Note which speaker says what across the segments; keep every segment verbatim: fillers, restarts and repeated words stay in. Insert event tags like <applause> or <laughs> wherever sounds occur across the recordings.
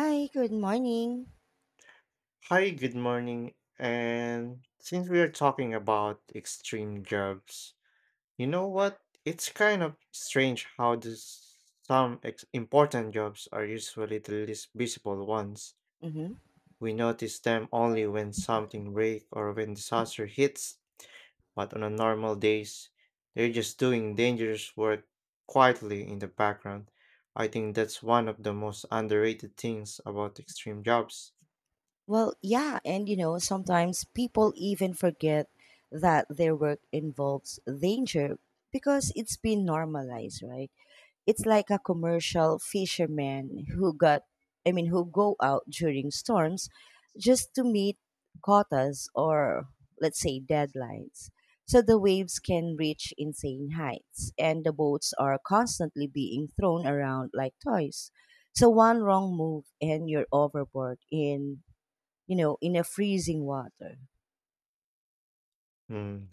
Speaker 1: Hi, good morning.
Speaker 2: Hi, good morning. And since we are talking about extreme jobs, you know what? It's kind of strange how this, some ex- important jobs are usually the least visible ones.
Speaker 1: Mhm.
Speaker 2: We notice them only when something breaks or when disaster hits, but on a normal days, they're just doing dangerous work quietly in the background. I think that's one of the most underrated things about extreme jobs.
Speaker 1: Well, yeah, and you know, sometimes people even forget that their work involves danger because it's been normalized, right? It's like a commercial fisherman who got I mean who go out during storms just to meet quotas or, let's say, deadlines. So the waves can reach insane heights and the boats are constantly being thrown around like toys. So one wrong move and you're overboard in, you know, in a freezing water.
Speaker 2: Hmm.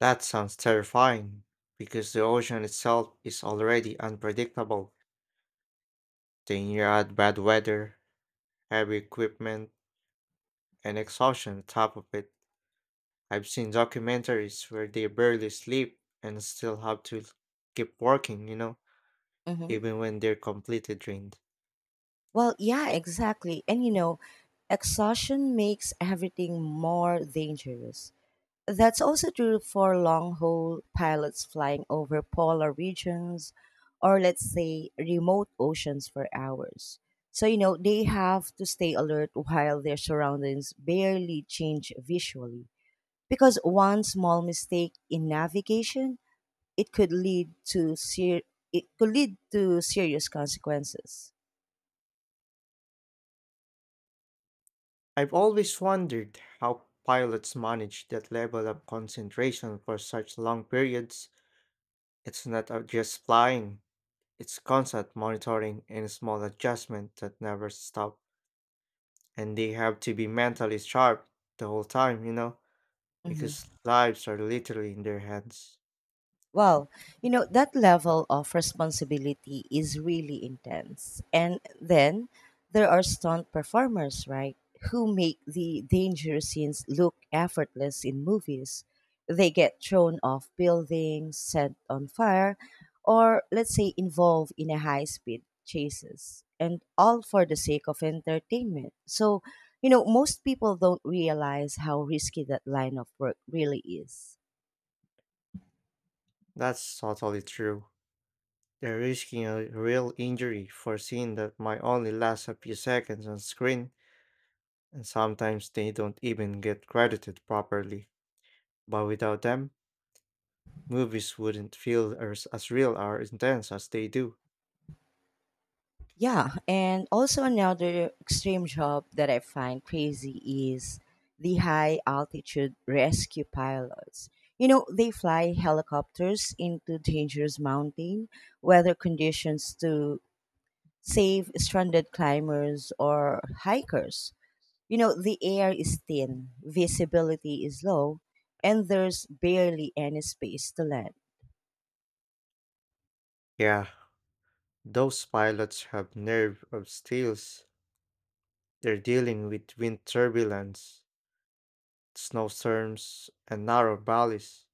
Speaker 2: That sounds terrifying, because the ocean itself is already unpredictable. Then you add bad weather, heavy equipment, and exhaustion on top of it. I've seen documentaries where they barely sleep and still have to keep working, you know,
Speaker 1: Hmm.
Speaker 2: even when they're completely drained.
Speaker 1: Well, yeah, exactly. And you know, exhaustion makes everything more dangerous. That's also true for long haul pilots flying over polar regions or, let's say, remote oceans for hours. So, you know, they have to stay alert while their surroundings barely change visually, because one small mistake in navigation, it could lead to ser- it could lead to serious consequences.
Speaker 2: I've always wondered how pilots manage that level of concentration for such long periods. It's not uh, just flying. It's constant monitoring and small adjustment that never stop. And they have to be mentally sharp the whole time, you know,
Speaker 1: Hmm.
Speaker 2: because lives are literally in their hands.
Speaker 1: Well, you know, that level of responsibility is really intense. And then there are stunt performers, right, who make the dangerous scenes look effortless in movies. They get thrown off buildings, set on fire, or, let's say, involved in a high speed chases, and all for the sake of entertainment. So, you know, most people don't realize how risky that line of work really is.
Speaker 2: That's totally true. They're risking a real injury for a scene that might only last a few seconds on screen, and sometimes they don't even get credited properly. But without them, movies wouldn't feel as, as real or intense as they do.
Speaker 1: Yeah, and also another extreme job that I find crazy is the high altitude rescue pilots. You know, they fly helicopters into dangerous mountain weather conditions to save stranded climbers or hikers. You know, the air is thin, visibility is low, and there's barely any space to land.
Speaker 2: Yeah, those pilots have nerve of steels. They're dealing with wind turbulence, snowstorms, and narrow valleys.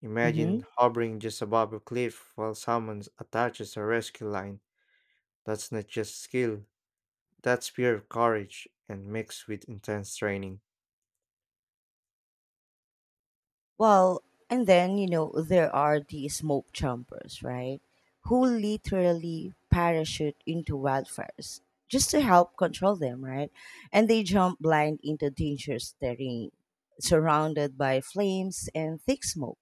Speaker 2: Imagine
Speaker 1: Mm-hmm.
Speaker 2: hovering just above a cliff while someone attaches a rescue line. That's not just skill, that's pure courage and mixed with intense training.
Speaker 1: Well, and then, you know, there are the smoke jumpers, right? Who literally parachute into wildfires just to help control them, right? And they jump blind into dangerous terrain, surrounded by flames and thick smoke.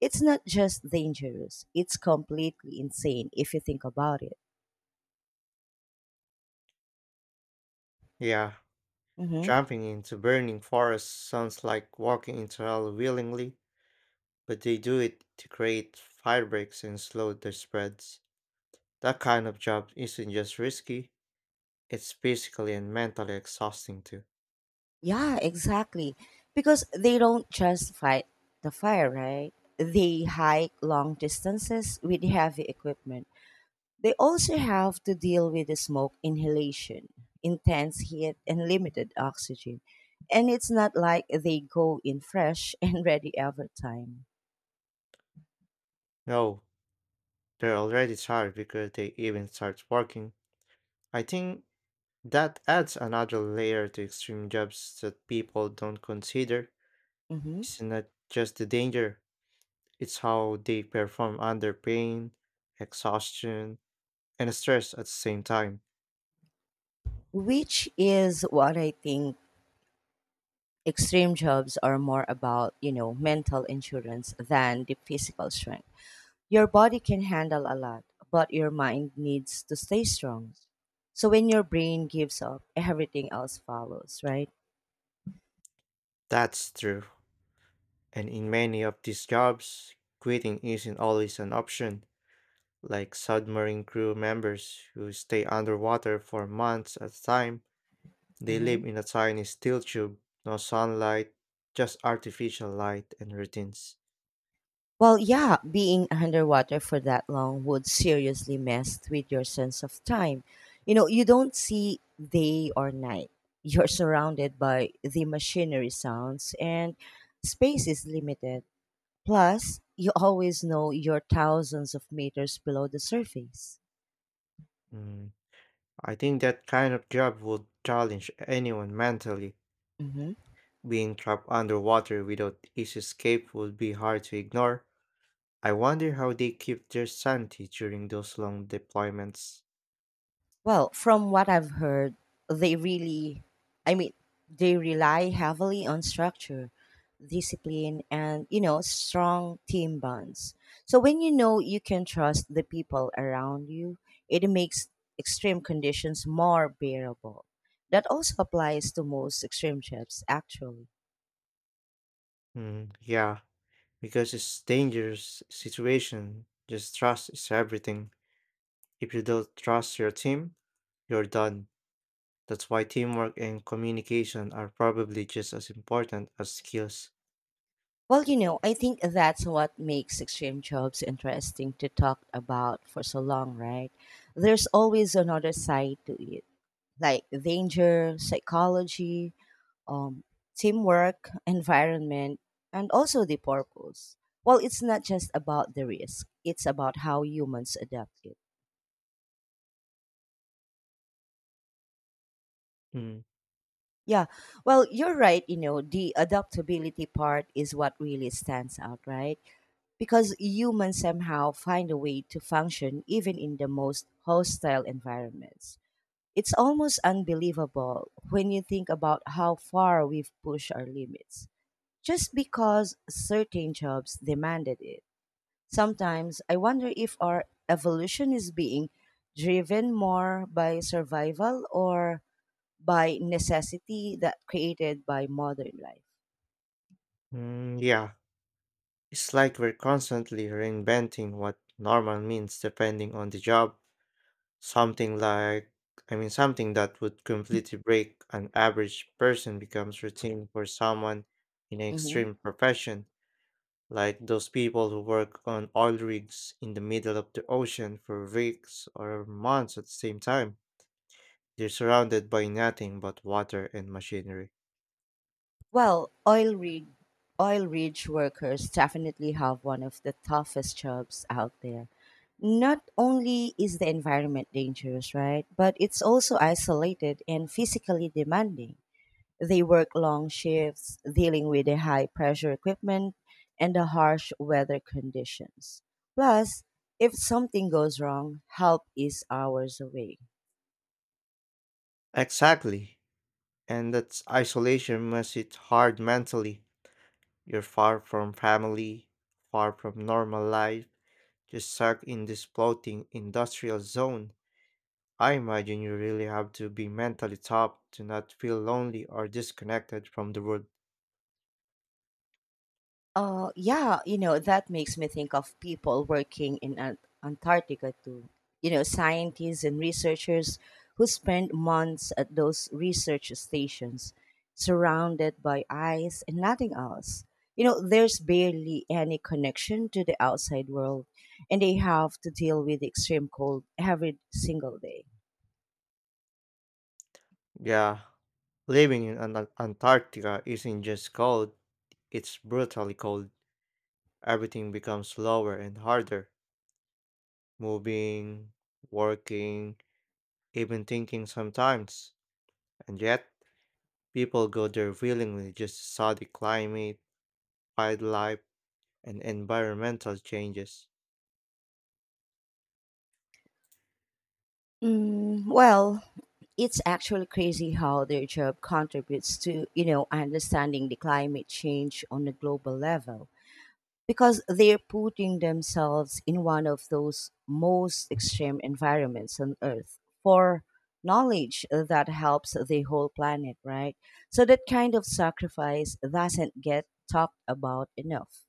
Speaker 1: It's not just dangerous, it's completely insane if you think about it.
Speaker 2: Yeah,
Speaker 1: Mm-hmm.
Speaker 2: jumping into burning forests sounds like walking into hell willingly, but they do it to create firebreaks and slow the spreads. That kind of job isn't just risky, it's physically and mentally exhausting too.
Speaker 1: Yeah, exactly. Because they don't just fight the fire, right? They hike long distances with heavy equipment. They also have to deal with the smoke inhalation, intense heat, and limited oxygen. And it's not like they go in fresh <laughs> and ready every time.
Speaker 2: No, they're already tired before they even start working. I think that adds another layer to extreme jobs that people don't consider.
Speaker 1: Mhm.
Speaker 2: It's not just the danger, it's how they perform under pain, exhaustion, and stress at the same time.
Speaker 1: Which is what I think extreme jobs are more about, you know, mental insurance than the physical strength. Your body can handle a lot, but your mind needs to stay strong. So when your brain gives up, everything else follows, right?
Speaker 2: That's true. And in many of these jobs, quitting isn't always an option, like submarine crew members who stay underwater for months at a time. They live
Speaker 1: Mhm.
Speaker 2: in a tiny steel tube, no sunlight, just artificial light and routines.
Speaker 1: Well, yeah, being underwater for that long would seriously mess with your sense of time. You know, you don't see day or night. <laughs> You're surrounded by the machinery sounds, and space is limited. Plus, you always know you're thousands of meters below the surface.
Speaker 2: Mm, I think that kind of job would challenge anyone mentally.
Speaker 1: Mm-hmm.
Speaker 2: Being trapped underwater without easy escape would be hard to ignore. I wonder how they keep their sanity during those long deployments.
Speaker 1: Well, from what I've heard, they really, I mean, they rely heavily on structure, discipline, and, you know, strong team bonds. So when you know you can trust the people around you, it makes extreme conditions more bearable. That also applies to most extreme jobs, actually.
Speaker 2: Mm, yeah, because it's dangerous situation. Just trust is everything. If you don't trust your team, you're done. That's why teamwork and communication are probably just as important as skills.
Speaker 1: Well, you know, I think that's what makes extreme jobs interesting to talk about for so long, right? There's always another side to it, like danger, psychology, um, teamwork, environment, and also the purpose. Well, it's not just about the risk, it's about how humans adapt it.
Speaker 2: Mm,
Speaker 1: Yeah, well, you're right. You know, the adaptability part is what really stands out, right? Because humans somehow find a way to function even in the most hostile environments. It's almost unbelievable when you think about how far we've pushed our limits just because certain jobs demanded it. Sometimes I wonder if our evolution is being driven more by survival or by necessity that created by modern life.
Speaker 2: mm, yeah, it's like we're constantly reinventing what normal means depending on the job. Something like, I mean, something that would completely break an average person becomes routine for someone in an
Speaker 1: Mhm.
Speaker 2: extreme profession, like those people who work on oil rigs in the middle of the ocean for weeks or months at the same time. They're surrounded by nothing but water and machinery.
Speaker 1: Well, oil rig oil rig workers definitely have one of the toughest jobs out there. Not only is the environment dangerous, right? But it's also isolated and physically demanding. They work long shifts, dealing with the high pressure equipment and the harsh weather conditions. Plus, if something goes wrong, help is hours away.
Speaker 2: Exactly. And that isolation makes it hard mentally. You're far from family, far from normal life, just stuck in this floating industrial zone. I imagine you really have to be mentally tough to not feel lonely or disconnected from the world.
Speaker 1: Uh, yeah, you know, that makes me think of people working in Ant- Antarctica too. You know, scientists and researchers who spend months at those research stations, surrounded by ice and nothing else. You know, there's barely any connection to the outside world, and they have to deal with extreme cold every single day.
Speaker 2: Yeah, living in An- Antarctica isn't just cold, it's brutally cold. Everything becomes slower and harder. Moving, working, even thinking sometimes. And yet, people go there willingly just to study climate, wildlife, and environmental changes.
Speaker 1: Mm, well, it's actually crazy how their job contributes to, you know, understanding the climate change on a global level, because they're putting themselves in one of those most extreme environments on earth for knowledge that helps the whole planet, right? So that kind of sacrifice doesn't get talked about enough.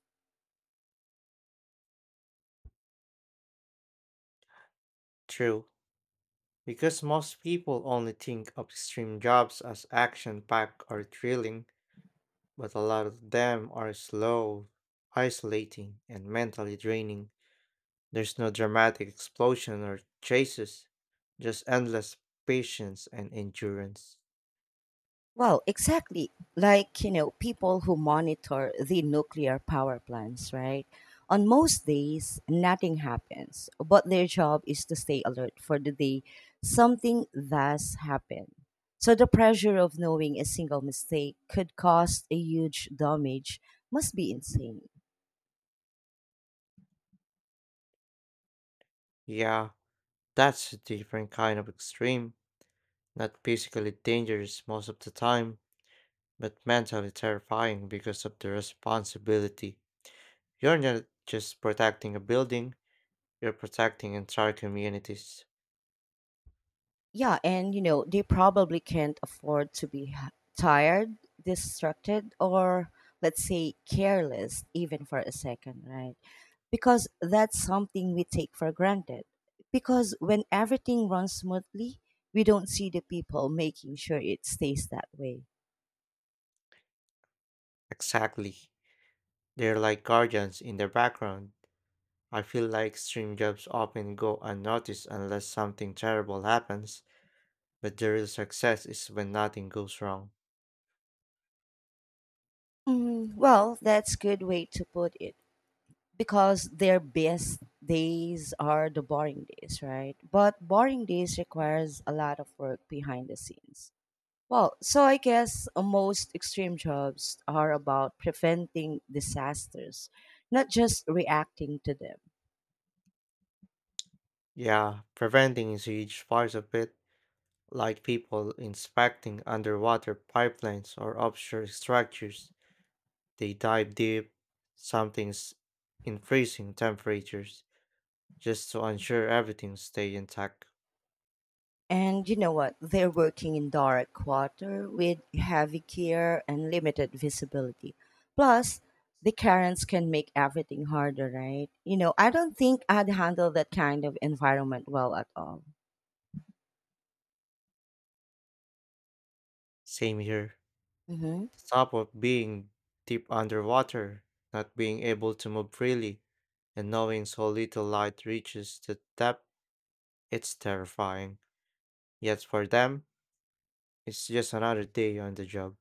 Speaker 2: True, because most people only think of extreme jobs as action packed or thrilling, but a lot of them are slow, isolating, and mentally draining. There's no dramatic explosion or chases, just endless patience and endurance.
Speaker 1: Well, exactly. Like, you know, people who monitor the nuclear power plants, right? On most days, nothing happens, but their job is to stay alert for the day something does happen. So the pressure of knowing a single mistake could cause a huge damage must be insane.
Speaker 2: Yeah, that's a different kind of extreme, not physically dangerous most of the time, but mentally terrifying because of the responsibility. You're not just protecting a building, you're protecting entire communities.
Speaker 1: Yeah, and you know they probably can't afford to be h- tired, distracted, or, let's say, careless even for a second, right? Because that's something we take for granted, because when everything runs smoothly, we don't see the people making sure it stays that way.
Speaker 2: Exactly. They're like guardians in the background. I feel like extreme jobs often go unnoticed unless something terrible happens, but the real success is when nothing goes wrong.
Speaker 1: Mm, well, that's good way to put it, because their best days are the boring days, right? But boring days requires a lot of work behind the scenes. Well, so I guess uh, most extreme jobs are about preventing disasters, not just reacting to them.
Speaker 2: Yeah, preventing is a huge part of it, like people inspecting underwater pipelines or offshore structures. They dive deep, sometimes in freezing temperatures, just to ensure everything stays intact.
Speaker 1: And you know what? They're working in dark water with heavy gear and limited visibility. Plus, the currents can make everything harder, right? You know, I don't think I'd handle that kind of environment well at all.
Speaker 2: Same here.
Speaker 1: Hmm.
Speaker 2: Stop of being deep underwater, not being able to move freely, and knowing so little light reaches the depth, it's terrifying. Yet for them, it's just another day on the job.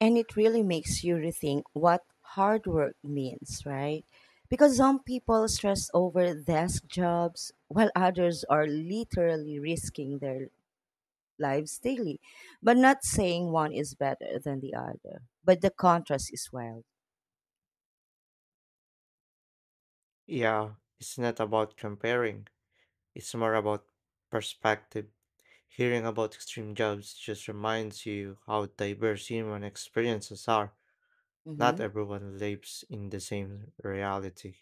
Speaker 1: And it really makes you rethink what hard work means, right? Because some people stress over desk jobs while others are literally risking their lives daily. But not saying one is better than the other, but the contrast is wild.
Speaker 2: Yeah, it's not about comparing. It's more about perspective. Hearing about extreme jobs just reminds you how diverse human experiences are. Not
Speaker 1: Hmm.
Speaker 2: everyone lives in the same reality.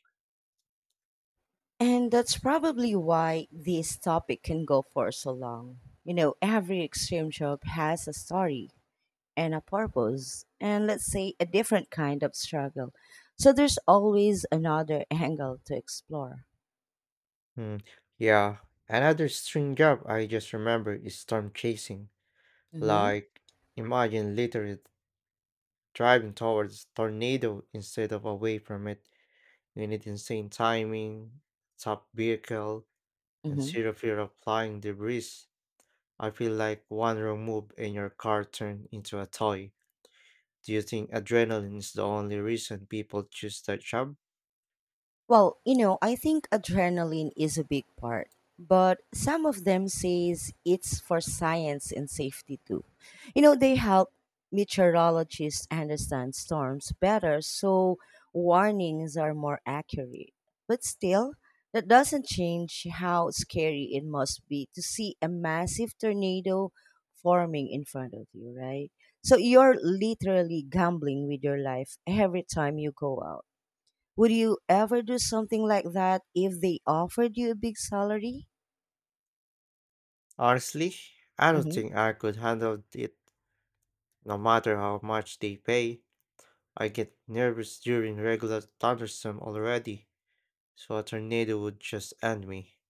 Speaker 1: And that's probably why this topic can go for so long. You know, every extreme job has a story and a purpose and, let's say, a different kind of struggle, so there's always another <laughs> angle to explore.
Speaker 2: Hmm. Yeah, another extreme job I just remember is storm chasing.
Speaker 1: Mm-hmm.
Speaker 2: Like, imagine literally driving towards tornado instead of away from it. You need insane timing, top vehicle, and zero fear of flying debris. I feel like one wrong move and your car turned into a toy. Do you think adrenaline is the only reason people choose that job?
Speaker 1: Well, you know, I think adrenaline is a big part, but some of them says it's for science and safety too. You know, they help meteorologists understand storms better, so warnings are more accurate. But still, that doesn't change how scary it must be to see a massive tornado forming in front of you, right? So you're literally gambling with your life every time you go out. Would you ever do something like that if they offered you a big salary?
Speaker 2: Honestly, I don't
Speaker 1: Mm-hmm.
Speaker 2: think I could handle it no matter how much they pay. I get nervous during regular thunderstorm already, so a tornado would just end me.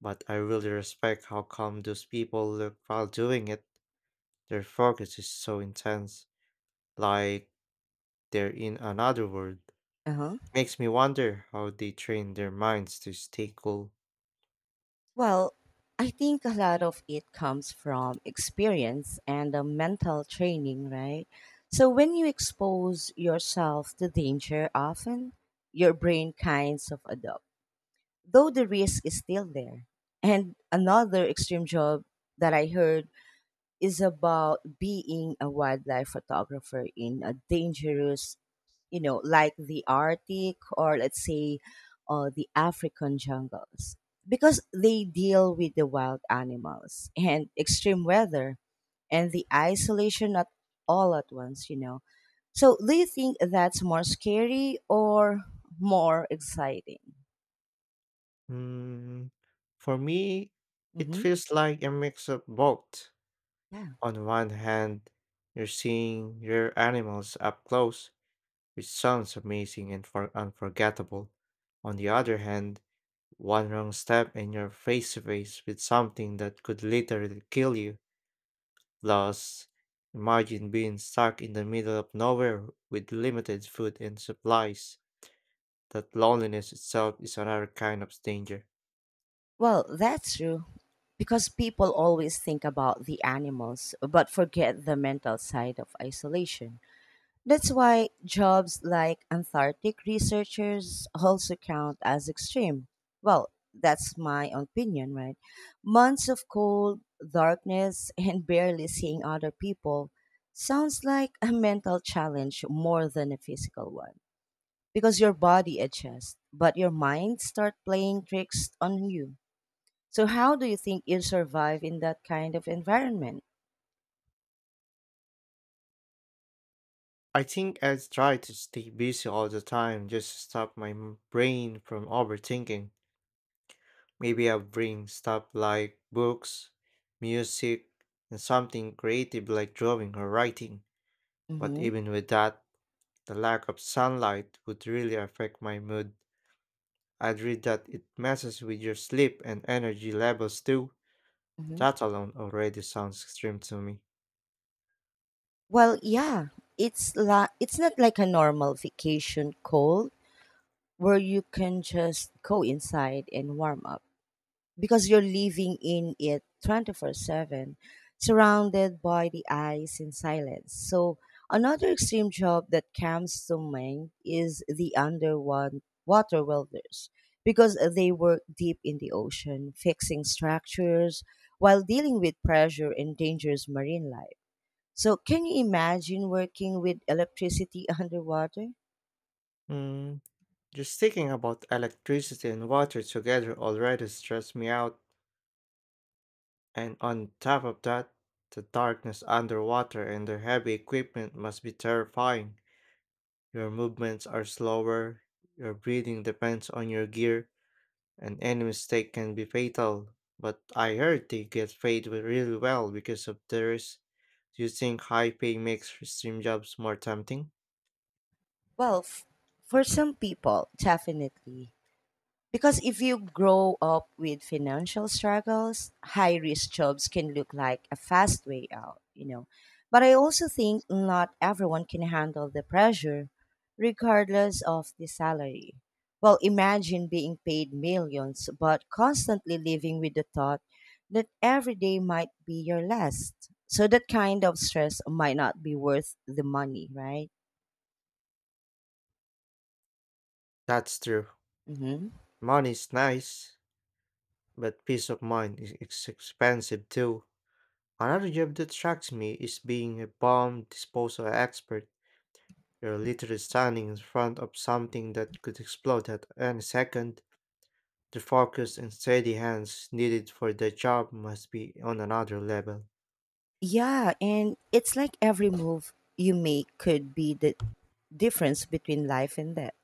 Speaker 2: But I really respect how calm those people look while doing it. Their focus is so intense, like they're in another world.
Speaker 1: Uh-huh.
Speaker 2: Makes me wonder how they train their minds to stay cool.
Speaker 1: Well, I think a lot of it comes from experience and a mental training, right? So when you expose yourself to danger often, your brain kinds of adopt, though the risk is still there. And another extreme job that I heard is about being a wildlife photographer in a dangerous, you know, like the Arctic or, let's say, uh, the African jungles, because they deal with the wild animals and extreme weather and the isolation at all at once, you know. So, do you think that's more scary or more exciting?
Speaker 2: Mm, for me, it
Speaker 1: Hmm.
Speaker 2: feels like a mix of both.
Speaker 1: Yeah.
Speaker 2: On one hand, you're seeing rare animals up close, which sounds amazing and for- unforgettable. On the other hand, one wrong step and you're face to face with something that could literally kill you. Plus, imagine being stuck in the middle of nowhere with limited food and supplies. That loneliness itself is another kind of danger.
Speaker 1: Well, that's true. Because people always think about the animals but forget the mental side of isolation. That's why jobs like Antarctic researchers also count as extreme. Well, that's my opinion, right? Months of cold, darkness, <laughs> and barely seeing other people sounds like a mental challenge more than a physical one. Because your body adjusts, but your mind starts playing tricks on you, so how do you think you survive in that kind of environment?
Speaker 2: I think I try to stay busy all the time just to stop my m- brain from overthinking. Maybe I bring stuff like books, music, and something creative like drawing or writing. But
Speaker 1: Hmm.
Speaker 2: even with that, the lack of sunlight would really affect my mood. I'd read that it messes with your sleep and energy levels too.
Speaker 1: Hmm.
Speaker 2: That alone already sounds extreme to me.
Speaker 1: Well, yeah, it's la- it's not like a normal vacation cold where you can just go inside and warm up, because you're living in it twenty-four seven, surrounded by the eyes in silence. So, another extreme job that comes to mind is the underwater welders, because they work deep in the ocean, fixing structures while dealing with pressure and dangerous marine life. So, can you imagine working with electricity <laughs> underwater?
Speaker 2: Hmm. Just thinking about electricity and water together already stressed me out, and on top of that, the darkness underwater and the heavy equipment must be terrifying. Your movements are slower, your breathing depends on your gear, and any mistake can be fatal. But I heard they get paid wi- really well because of theirs. Do you think high pay makes stream jobs more tempting?
Speaker 1: Well, f- for some people, definitely. Because if you grow up with financial struggles, high risk jobs can look like a fast way out, you know. But I also think not everyone can handle the pressure, regardless of the salary. Well, imagine being paid millions, but constantly living with the thought that every day might be your last. So that kind of stress might not be worth the money, right?
Speaker 2: That's true.
Speaker 1: Hmm.
Speaker 2: Money's nice, but peace of mind is is expensive too. Another job that shocks me is being a bomb disposal expert. You're literally standing in front of something that could explode at any second. The focus and steady hands needed for the job must be on another level.
Speaker 1: Yeah, and it's like every move you make could be the difference between life and death.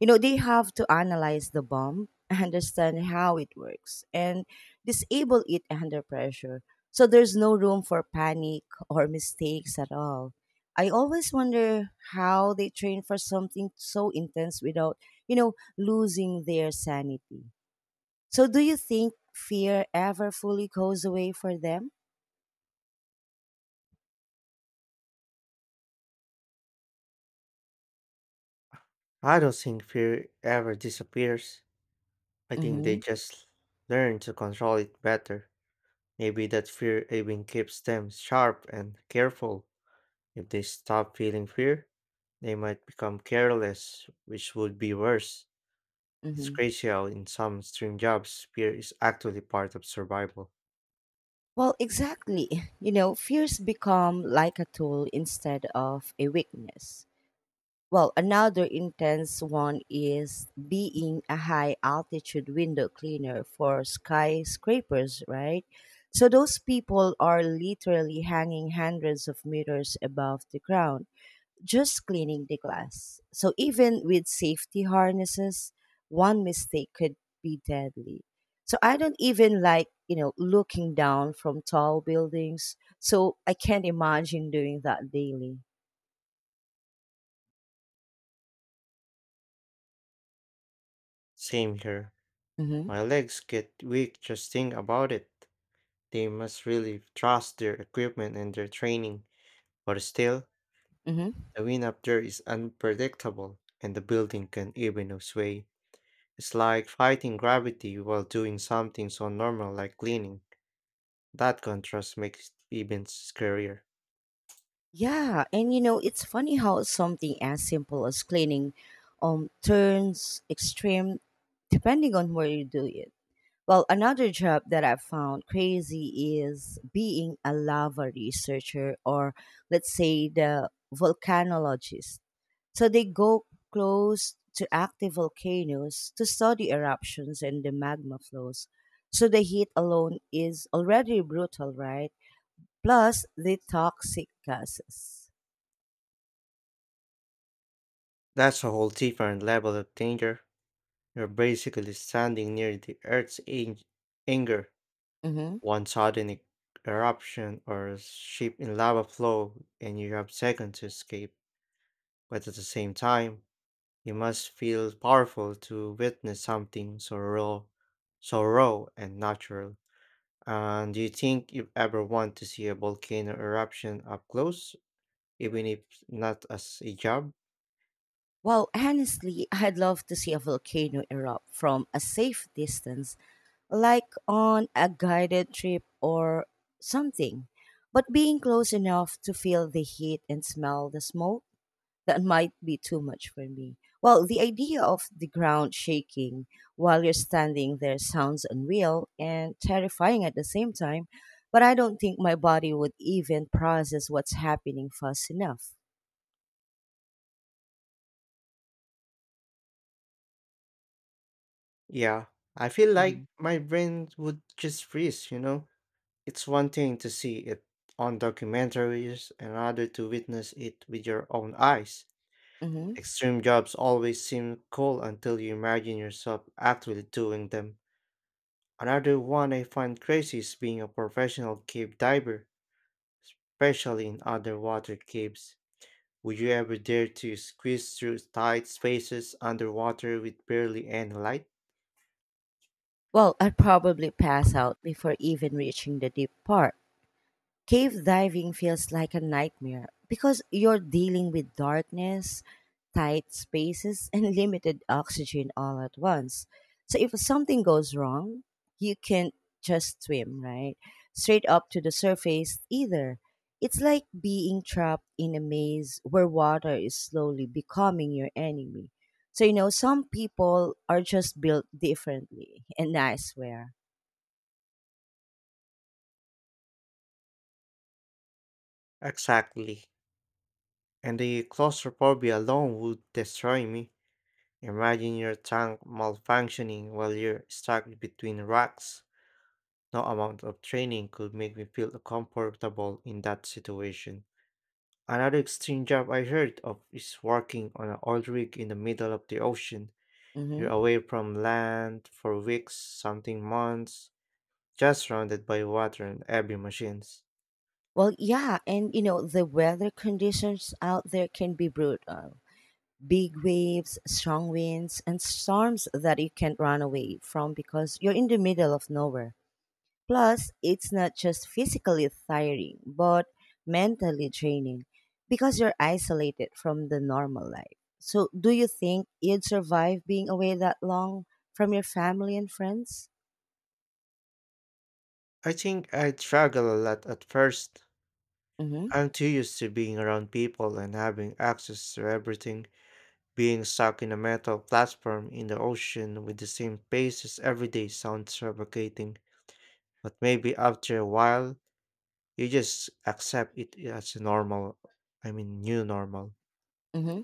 Speaker 1: You know, they have to analyze the bomb, understand how it works, and disable it under pressure. So there's no room for panic or mistakes at all. I always wonder how they train for something so intense without, you know, losing their sanity. So do you think fear ever fully goes away for them?
Speaker 2: I don't think fear ever disappears. I think they
Speaker 1: Mm-hmm.
Speaker 2: just learn to control it better. Maybe that fear even keeps them sharp and careful. If they stop feeling fear, they might become careless, which would be worse. It's
Speaker 1: Mm-hmm.
Speaker 2: crazy how in some stream jobs fear is actually part of survival.
Speaker 1: Well, exactly. You know, fears become like a tool instead of a weakness. Well, another intense one is being a high altitude window cleaner for skyscrapers, right? So those people are literally hanging hundreds of meters above the ground just cleaning the glass. So even with safety harnesses, one mistake could be deadly. So I don't even like, you know, looking down from tall buildings. So I can't imagine doing that daily.
Speaker 2: Same here.
Speaker 1: Mm-hmm.
Speaker 2: My legs get weak just think about it. They must really trust their equipment and their training. But still,
Speaker 1: Mm-hmm.
Speaker 2: the wind up there is unpredictable and the building can even sway. It's like fighting gravity while doing something so normal like cleaning. That contrast makes it even scarier.
Speaker 1: Yeah, and you know, it's funny how something as simple as cleaning um turns extreme depending on where you do it. Well, another job that I found crazy is being a lava researcher or let's say the volcanologist. So they go close to active volcanoes to study eruptions and the magma flows. So the heat alone is already brutal, right? Plus the toxic gases.
Speaker 2: That's a whole different level of danger. You're basically standing near the Earth's ang- anger,
Speaker 1: Hmm.
Speaker 2: one sudden e- eruption or ship in lava flow, and you have seconds to escape. But at the same time, you must feel powerful to witness something so raw, so raw and natural. And do you think you ever want to see a volcano eruption up close, even if not as a job?
Speaker 1: Well, honestly, <laughs> I'd love to see a volcano erupt from a safe distance like on a guided trip or something. But being close enough to feel the heat and smell the smoke, that might be too much for me. Well, the idea of the ground shaking while you're standing there sounds unreal and terrifying at the same time, but I don't think my body would even process what's happening fast enough.
Speaker 2: Yeah, I feel like
Speaker 1: Hmm.
Speaker 2: my brain would just freeze, you know? It's one thing to see it on documentaries, another to witness it with your own eyes.
Speaker 1: Hmm.
Speaker 2: Extreme jobs always seem cool until you imagine yourself actually doing them. Another one I find crazy is being a professional cave diver, especially in underwater caves. Would you ever dare to squeeze through tight spaces underwater with barely any light?
Speaker 1: Well, I'd probably pass out before even reaching the deep part. Cave diving feels like a nightmare because you're dealing with darkness, tight spaces, and <laughs> limited oxygen all at once. So if something goes wrong, you can't just swim, right? Straight up to the surface either. It's like being trapped in a maze where water is slowly becoming your enemy. So, you know, some people are just built differently, <laughs> and I swear.
Speaker 2: Exactly. And the claustrophobia alone would destroy me. Imagine your tank malfunctioning while you're stuck between rocks. No amount of training could make me feel comfortable in that situation. Another extreme job I heard of is working on an oil rig in the middle of the ocean. You're
Speaker 1: Mm-hmm.
Speaker 2: away from land for weeks, something months, just surrounded by water and heavy machines.
Speaker 1: Well, yeah, and you know the weather conditions out there can be brutal. Big waves, strong winds, and storms that you can't run away from because you're in the middle of nowhere. Plus, it's not just physically tiring, but mentally draining because you're isolated from the normal life. So, do you think you'd survive being away that long from your family and friends?
Speaker 2: I think I'd struggle a lot at first.
Speaker 1: Mm-hmm.
Speaker 2: I'm too used to being around people and having access to everything. Being stuck in a metal platform in the ocean with the same faces every day sounds suffocating, but maybe after a while, you just accept it as a normal, I mean, new normal.
Speaker 1: Hmm.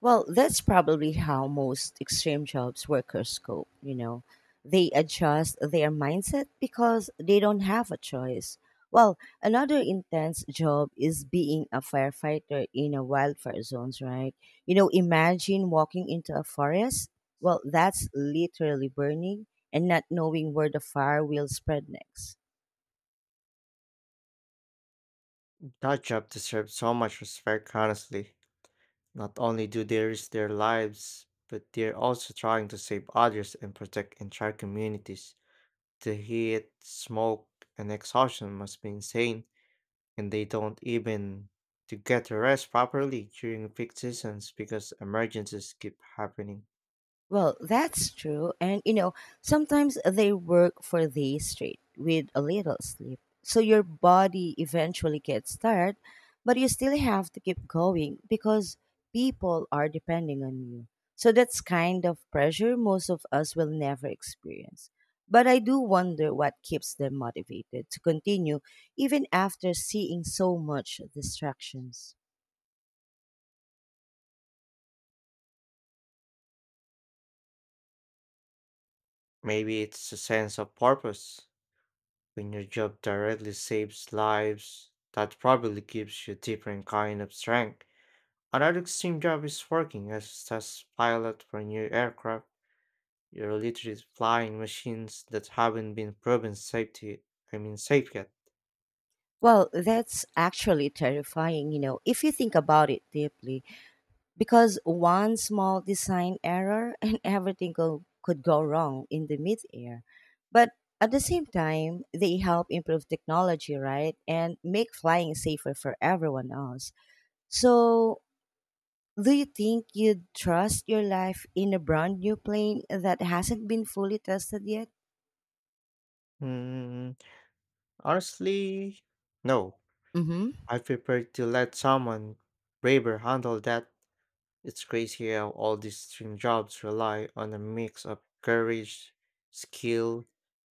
Speaker 1: Well, that's probably how most extreme jobs workers cope, you know. They adjust their mindset because they don't have a choice. Well, another intense job is being a firefighter in a wildfire zones, right? You know, imagine walking into a forest. Well, that's literally burning and not knowing where the fire will spread next.
Speaker 2: That job deserves so much respect, honestly. Not only do they risk their lives, but they're also trying to save others and protect entire communities. The heat, smoke, and exhaustion must be insane. And they don't even to get to rest properly during peak seasons because emergencies keep happening.
Speaker 1: Well, that's true. And you know, sometimes they work for days straight with a little sleep. So your body eventually gets tired, but you still have to keep going because people are depending on you. So that's kind of pressure most of us will never experience. But I do wonder what keeps them motivated to continue even after seeing so much distractions.
Speaker 2: Maybe it's a sense of purpose when your job directly saves lives that probably gives you a different kind of strength. Another extreme job is working as a test pilot for new aircraft. You're literally flying machines that haven't been proven safety I mean safe yet.
Speaker 1: Well, that's actually terrifying, you know, if you think about it deeply because one small design error and <laughs> everything go, could go wrong in the mid-air. But at the same time, they help improve technology, right? And make flying safer for everyone else. So, do you think you'd trust your life in a brand new plane that hasn't been fully tested yet?
Speaker 2: Hmm, honestly, no.
Speaker 1: Mm-hmm.
Speaker 2: I prefer to let someone braver handle that. It's crazy how all these string jobs rely on a mix of courage, skill,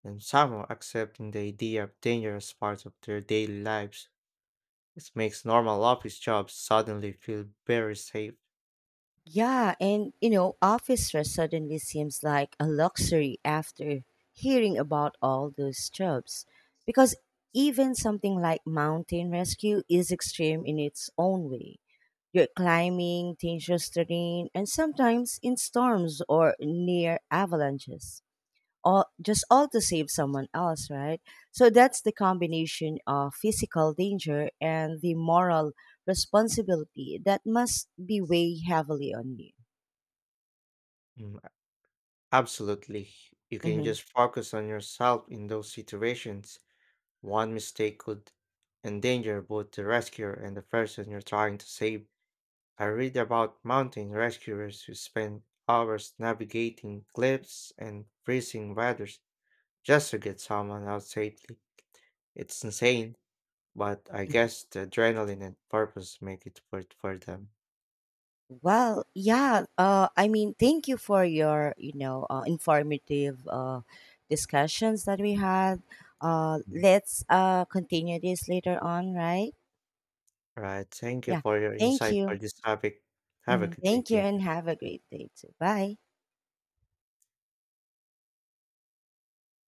Speaker 2: and somehow accepting the idea of dangerous parts of their daily lives. It makes normal office jobs suddenly feel very safe.
Speaker 1: Yeah, and you know, office stress suddenly seems like a luxury after hearing about all those jobs. Because even something like mountain rescue is extreme in its own way. You're climbing dangerous terrain and sometimes in storms or near avalanches. All just all to save someone else, right? So that's the combination of physical danger and the moral responsibility that must be weigh heavily on you.
Speaker 2: Mm, absolutely. You can
Speaker 1: Hmm.
Speaker 2: just focus on yourself in those situations. One mistake could endanger both the rescuer and the person you're trying to save. I read about mountain rescuers who spend hours navigating cliffs and freezing weather just to get someone out safely. It's insane, but I guess the adrenaline and purpose make it worth for them.
Speaker 1: Well, yeah. Uh, I mean, thank you for your, you know, uh, informative uh, discussions that we had. Uh,
Speaker 2: Mm.
Speaker 1: let's uh, continue this later on, right?
Speaker 2: Right. Thank you
Speaker 1: Yeah.
Speaker 2: for your
Speaker 1: Thank
Speaker 2: insight for
Speaker 1: you.
Speaker 2: this topic. Have a
Speaker 1: Hmm.
Speaker 2: good day.
Speaker 1: Thank you,
Speaker 2: Thank you.
Speaker 1: and have a great day too. Bye.